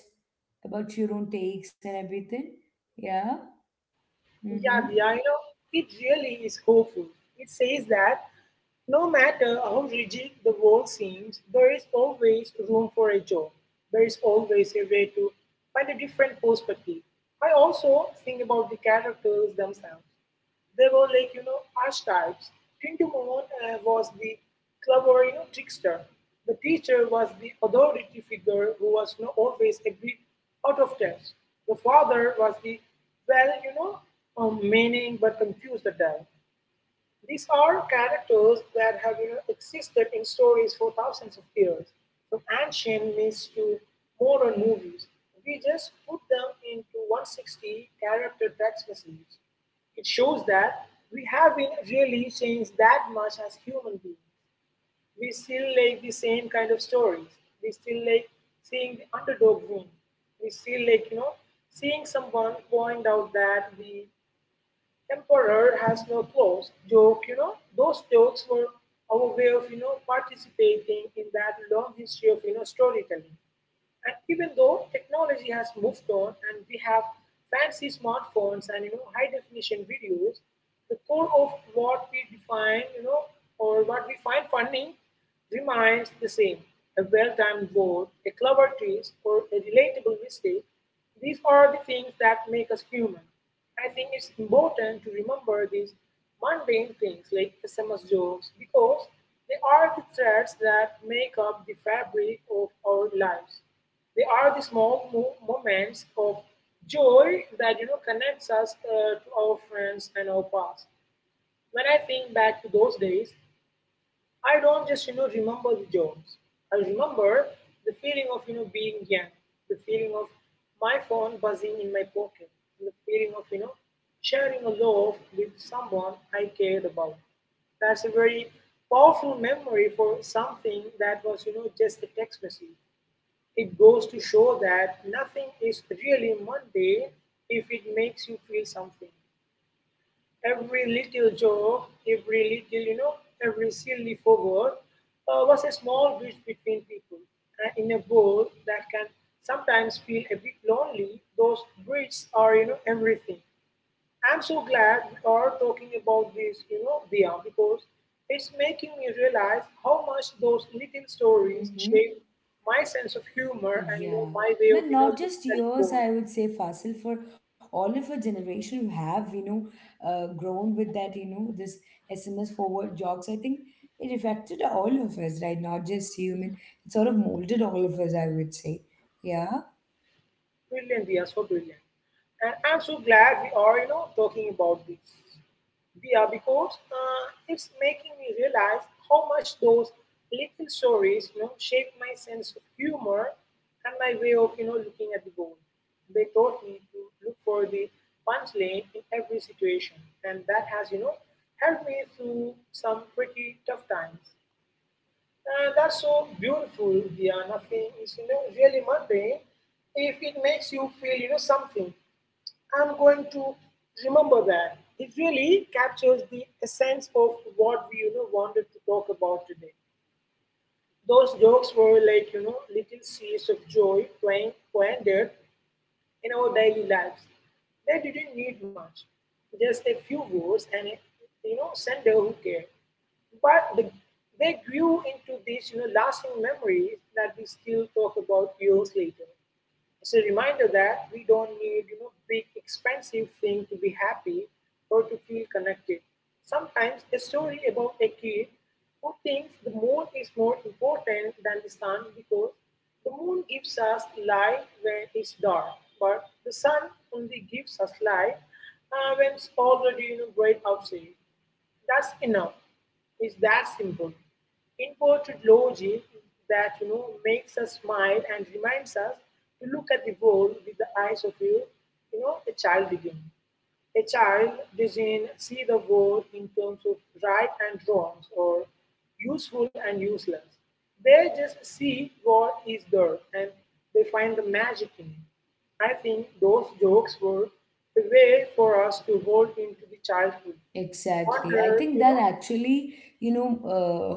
Speaker 1: about your own takes and everything? Yeah,
Speaker 2: Yeah,
Speaker 1: mm-hmm,
Speaker 2: yeah, you know, it really is hopeful. It says that no matter how rigid the world seems, there is always room for a joke. There is always a way to find a different perspective. I also think about the characters themselves. They were like, archetypes. Tindamon was the clever, trickster. The teacher was the authority figure who was always a bit out of touch. The father was the, well, you know, meaning but confused at times. These are characters that have existed in stories for thousands of years, from ancient myths to modern movies. We just put them into 160 character text messages. It shows that we haven't really changed that much as human beings. We still like the same kind of stories. We still like seeing the underdog win. We still like, seeing someone point out that the Emperor has no clothes joke, those jokes were our way of, participating in that long history of, storytelling. And even though technology has moved on and we have fancy smartphones and, high definition videos, the core of what we define, or what we find funny remains the same. A well-timed word, a clever twist, or a relatable mistake, these are the things that make us human. I think it's important to remember these mundane things like SMS jokes because they are the threads that make up the fabric of our lives. They are the small moments of joy that connects us to our friends and our past. When I think back to those days, I don't just remember the jobs. I remember the feeling of being young, the feeling of my phone buzzing in my pocket, the feeling of sharing a loaf with someone I cared about. That's a very powerful memory for something that was just a text message. It goes to show that nothing is really Monday if it makes you feel something. Every little joke, every little, every silly forward was a small bridge between people. And in a world that can sometimes feel a bit lonely, those bridges are, everything. I'm so glad we are talking about this, Dia, because it's making me realize how much those little stories shape
Speaker 1: mm-hmm.
Speaker 2: my sense of humor and,
Speaker 1: Yeah,
Speaker 2: my way of,
Speaker 1: man, not
Speaker 2: looking
Speaker 1: just
Speaker 2: at the
Speaker 1: yours,
Speaker 2: world.
Speaker 1: I would say, Fasil, for all of our generation who have, you know, grown with that, you know, this SMS forward jobs. I think it affected all of us, right? Not just you. I mean, it sort of molded all of us, I would say. Yeah.
Speaker 2: Brilliant, Dia, so brilliant. And I'm so glad we are, talking about this. We are because it's making me realize how much those little stories, shape my sense of humor and my way of, looking at the world. They taught me to look for the punchline in every situation, and that has, helped me through some pretty tough times. And that's so beautiful. Yeah, nothing is, really mundane if it makes you feel, something. I'm going to remember that. It really captures the essence of what we wanted to talk about today. Those jokes were like little seeds of joy playing planted in our daily lives. They didn't need much, just a few words and a sender who cared. But they grew into these lasting memories that we still talk about years later. It's a reminder that we don't need big expensive thing to be happy or to feel connected. Sometimes a story about a kid who thinks the moon is more important than the sun because the moon gives us light when it's dark, but the sun only gives us light when it's already bright outside. That's enough. It's that simple. Inverted logic that makes us smile and reminds us to look at the world with the eyes of a child again. A child doesn't see the world in terms of right and wrongs or useful and useless. They just see what is there and they find the magic in it. I think those jokes were the way for us to hold into the childhood
Speaker 1: Exactly. I
Speaker 2: wonder,
Speaker 1: think that actually, you know,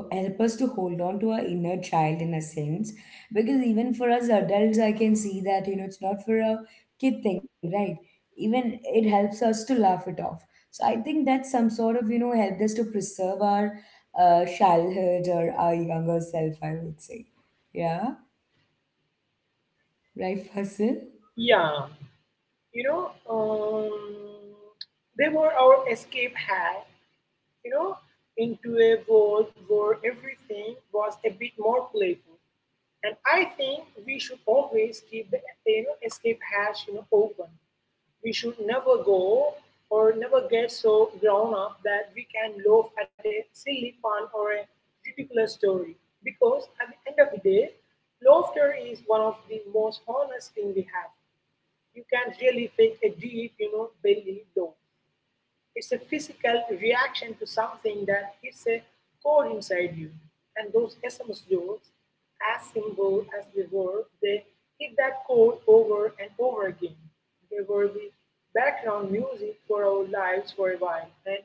Speaker 1: help us to hold on to our inner child in a sense. Because even for us adults, I can see that, you know, it's not for a kid thing, right? Even it helps us to laugh it off. So I think that's some sort of, you know, helped us to preserve our childhood or our younger self, I would say. Yeah, right, Fasil?
Speaker 2: yeah, you know, um, they were our escape hat you know, into a world where everything was a bit more playful. And I think we should always keep the escape hatch open. We should never go or never get so grown up that we can laugh at a silly pun or a ridiculous story. Because at the end of the day, laughter is one of the most honest thing we have. You can't really fake a deep, belly laugh. It's a physical reaction to something that hits a chord inside you. And those SMS jokes, as simple as they were, they hit that chord over and over again. They were the background music for our lives for a while. And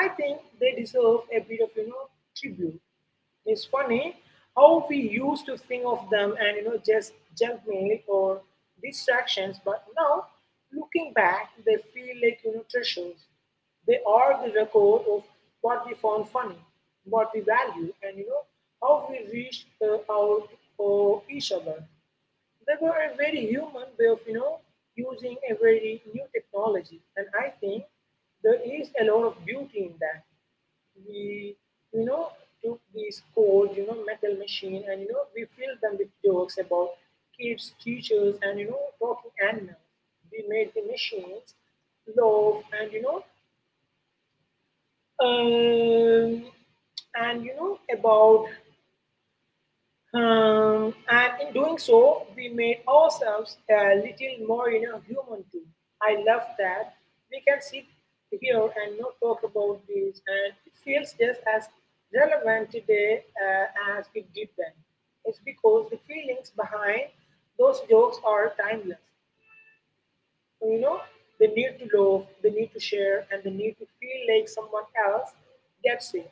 Speaker 2: I think they deserve a bit of, tribute. It's funny how we used to think of them and just junk mail or distractions, but now looking back, they feel like treasures. They are the record of what we found funny, what we value, and how we reached out for each other. They were a very human way of, using a very new technology. And I think there is a lot of beauty in that. We, you know, took these cold, metal machine and, we filled them with jokes about kids, teachers, and, talking animals. We made the machines love um, and, you know, about and in doing so, we made ourselves a little more human too. I love that we can sit here and not talk about this, and it feels just as relevant today as it did then. It's because the feelings behind those jokes are timeless. You know they need to love, they need to share, and they need to feel like someone else gets it.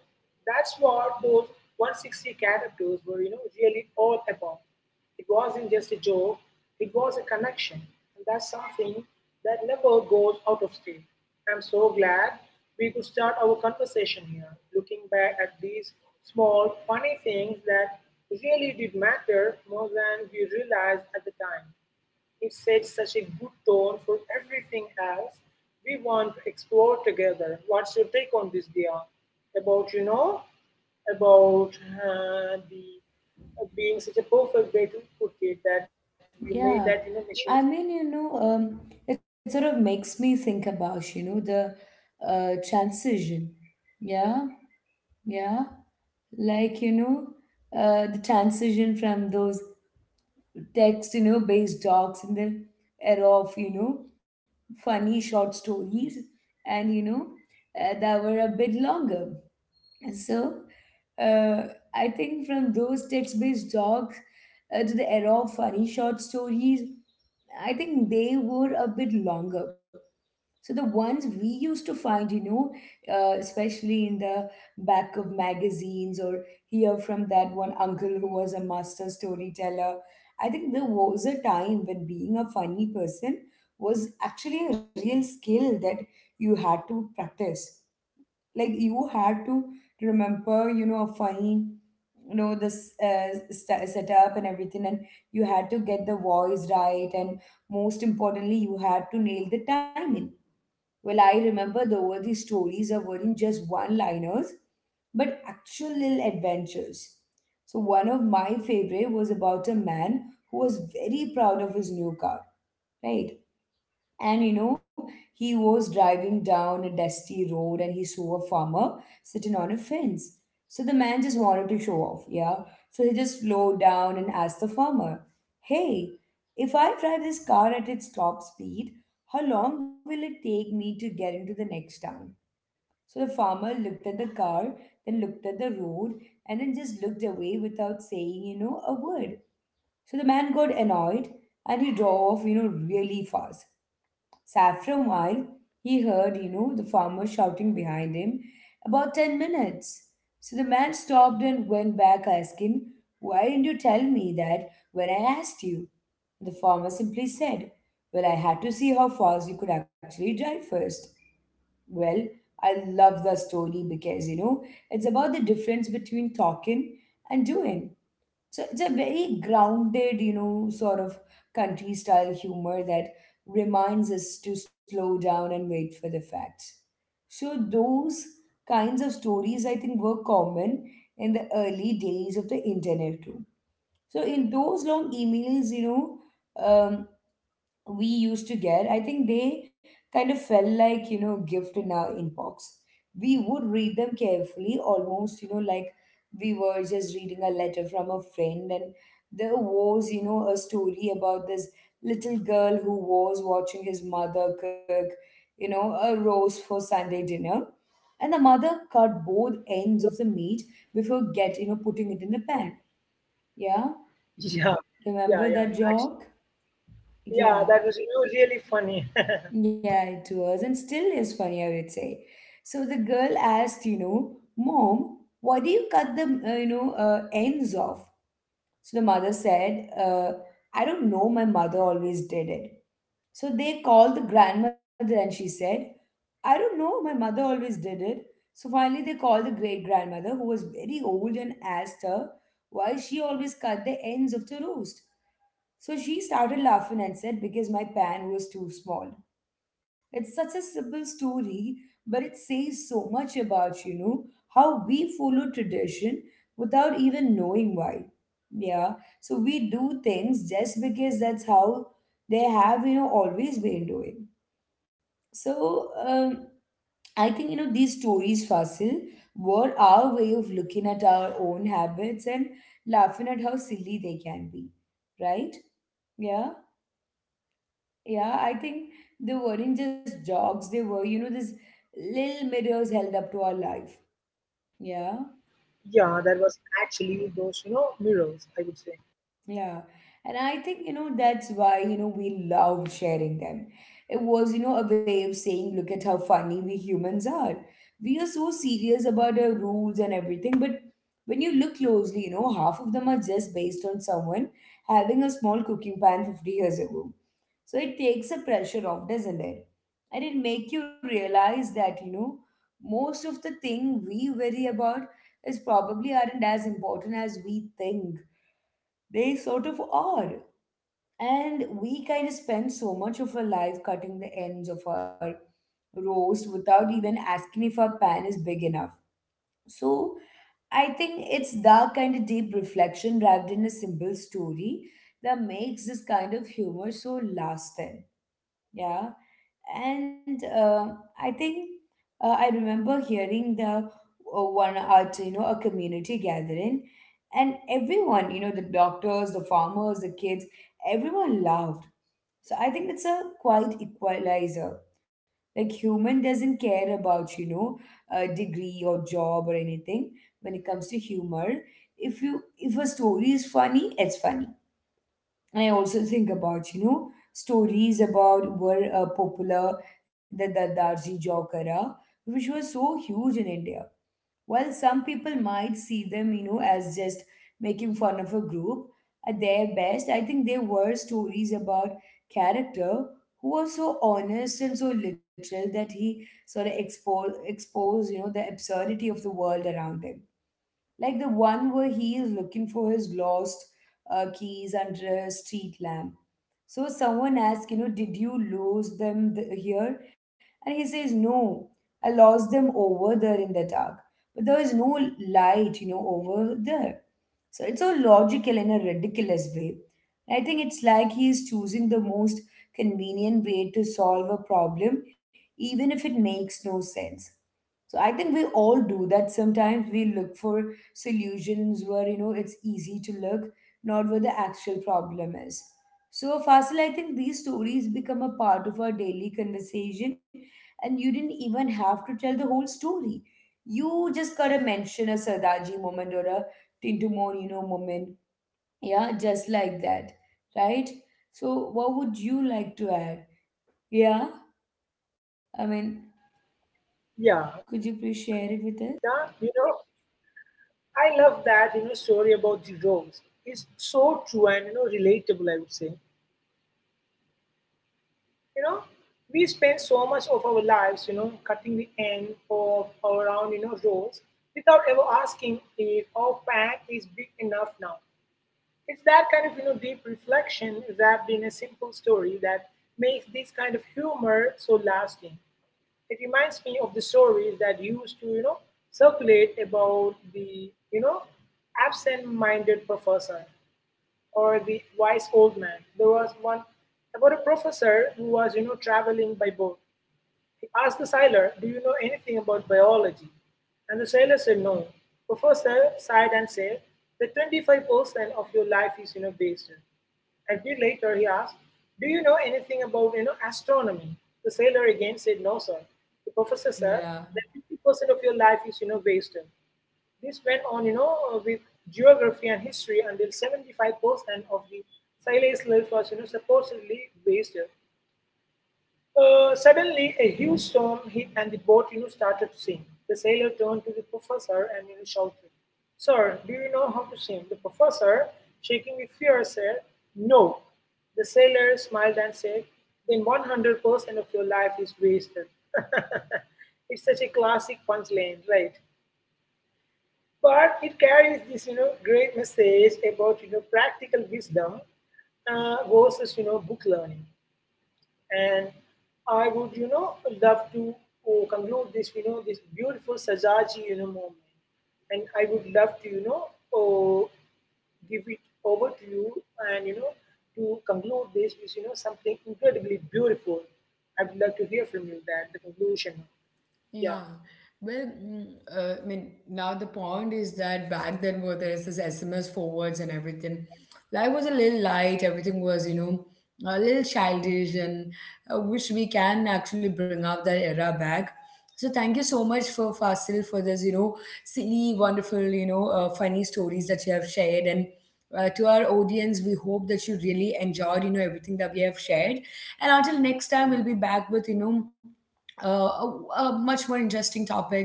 Speaker 2: That's what those 160 characters were really all about. It wasn't just a joke, it was a connection, and that's something that never goes out of date. I'm so glad we could start our conversation here looking back at these small funny things that really did matter more than we realized at the time. It sets such a good tone for everything else we want to explore together. What's your take on this, Dia? About, about the being such a perfect way to put it that we made that,
Speaker 1: Yeah,
Speaker 2: machine.
Speaker 1: I mean, you know, it sort of makes me think about, you know, the transition. Yeah, yeah. Like, you know, the transition from those text, you know, based docs and the era of, you know, funny short stories and, you know, that were a bit longer. So, uh, I think from those text based docs to the era of funny short stories, I think they were a bit longer. So the ones we used to find, you know, especially in the back of magazines, or hear from that one uncle who was a master storyteller. I think there was a time when being a funny person was actually a real skill that you had to practice. Like, you had to remember, you know, a funny, you know, this setup and everything, and you had to get the voice right, and most importantly you had to nail the timing. Well, I remember the were these stories are weren't just one liners, but actual little adventures. So, one of my favorite was about a man who was very proud of his new car, right? And, you know, he was driving down a dusty road and he saw a farmer sitting on a fence. So the man just wanted to show off, yeah? So he just slowed down and asked the farmer, "Hey, if I drive this car at its top speed, how long will it take me to get into the next town?" So the farmer looked at the car, then looked at the road, and then just looked away without saying, you know, a word. So the man got annoyed and he drove off, you know, really fast. Saffron while he heard, you know, the farmer shouting behind him, "about 10 minutes." So the man stopped and went back asking, "Why didn't you tell me that when I asked you?" The farmer simply said, "Well, I had to see how fast you could actually drive first." Well, I love the story because, you know, it's about the difference between talking and doing. So it's a very grounded, you know, sort of country style humor that reminds us to slow down and wait for the facts. So those kinds of stories, I think, were common in the early days of the internet too. So in those long emails, you know, we used to get, I think they kind of felt like, you know, gift in our inbox. We would read them carefully, almost, you know, like we were just reading a letter from a friend. And there was, you know, a story about this little girl who was watching his mother cook, you know, a roast for Sunday dinner, and the mother cut both ends of the meat before get you know, putting it in the pan. Yeah,
Speaker 2: Yeah, yeah, yeah,
Speaker 1: remember
Speaker 2: yeah,
Speaker 1: that
Speaker 2: actually.
Speaker 1: joke?
Speaker 2: Yeah,
Speaker 1: Yeah,
Speaker 2: that was, really funny.
Speaker 1: yeah, it was and still is funny, I would say. So the girl asked, you know, "Mom, why do you cut the, ends off?" So the mother said, "I don't know, my mother always did it." So they called the grandmother and she said, "I don't know, my mother always did it." So finally they called the great grandmother who was very old and asked her why she always cut the ends of the roast. So she started laughing and said, "Because my pan was too small." It's such a simple story, but it says so much about, you know, how we follow tradition without even knowing why. Yeah. So we do things just because that's how they have, you know, always been doing. So, um, I think you know these stories, Fasil, were our way of looking at our own habits and laughing at how silly they can be, right? Yeah. Yeah, I think they weren't just jogs, they were, you know, these little mirrors held up to our life. Yeah,
Speaker 2: [laughs] Yeah, that was actually those, mirrors, I would say.
Speaker 1: yeah. And I think, you know, that's why, you know, we loved sharing them. It was, you know, a way of saying, look at how funny we humans are. We are so serious about our rules and everything, but when you look closely, you know, half of them are just based on someone having a small cooking pan 50 years ago. So it takes a pressure off, doesn't it? And it make you realize that, you know, most of the thing we worry about is probably aren't as important as we think. They sort of are. And we kind of spend so much of our life cutting the ends of our roast without even asking if our pan is big enough. So I think it's that kind of deep reflection wrapped in a simple story that makes this kind of humor so lasting. Yeah. And I think I remember hearing the one at, you know, a community gathering and everyone, you know, the doctors, the farmers, the kids, everyone laughed. So I think it's a quite equalizer. Like human doesn't care about, you know, degree or job or anything when it comes to humor if a story is funny it's funny. And I also think about, you know, stories about were popular, the darji jokara, which was so huge in India. While some people might see them, you know, as just making fun of a group, at their best, I think they were stories about character who was so honest and so literal that he sort of exposed, you know, the absurdity of the world around him, like the one where he is looking for his lost keys under a street lamp. So someone asks, you know, "Did you lose them here?" And he says, "No, I lost them over there in the dark. But there is no light, you know, over there." So it's so logical in a ridiculous way. I think it's like he is choosing the most convenient way to solve a problem, even if it makes no sense. So I think we all do that. Sometimes we look for solutions where, you know, it's easy to look, not where the actual problem is. So Fasil, I think these stories become a part of our daily conversation, and you didn't even have to tell the whole story. You just gotta mention a Sardaji moment or a Tinto Morino moment, yeah, just like that, right? So what would you like to add? Yeah, I mean,
Speaker 2: Yeah,
Speaker 1: could you please share it with
Speaker 2: yeah,
Speaker 1: us?
Speaker 2: you know, I love that, story about the rose. It's so true and, relatable, I would say. You know, we spend so much of our lives, cutting the end of our own, roles without ever asking if our pack is big enough now. It's that kind of, deep reflection wrapped in a simple story that makes this kind of humor so lasting. It reminds me of the stories that used to, circulate about the, absent-minded professor or the wise old man. There was one about a professor who was, traveling by boat. He asked the sailor, "Do you know anything about biology?" And the sailor said, "No." Professor sighed and said, "The 25% of your life is, wasted." A bit later, he asked, "Do you know anything about, astronomy?" The sailor again said, "No, sir." The professor said,
Speaker 1: Yeah.
Speaker 2: "That 50% of your life is, wasted." This went on, with geography and history until 75% of the Silage life was, supposedly wasted. Suddenly, a huge storm hit and the boat, started to sink. The sailor turned to the professor and shouted, "Sir, do you know how to swim?" The professor, shaking with fear, said, "No." The sailor smiled and said, "Then 100% of your life is wasted." [laughs] It's such a classic punchline, right? But it carries this great message about practical wisdom versus book learning. And I would love to conclude this this beautiful sajaji moment, and I would love to uh, give it over to you and to conclude this with something incredibly beautiful. I would love to hear from you that the conclusion. Yeah.
Speaker 1: Yeah. Well, I mean, now the point is that back then where there is this SMS forwards and everything, life was a little light. Everything was, you know, a little childish, and which we can actually bring up that era back. So thank you so much for Fasil for this, you know, silly, wonderful, you know, funny stories that you have shared. And to our audience, we hope that you really enjoyed, you know, everything that we have shared. And until next time, we'll be back with, you know, uh, a, a much more interesting topic.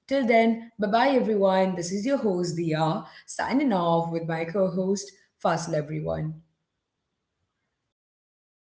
Speaker 1: Till then, bye bye everyone. This is your host, Dia, signing off with my co host, Fazl everyone.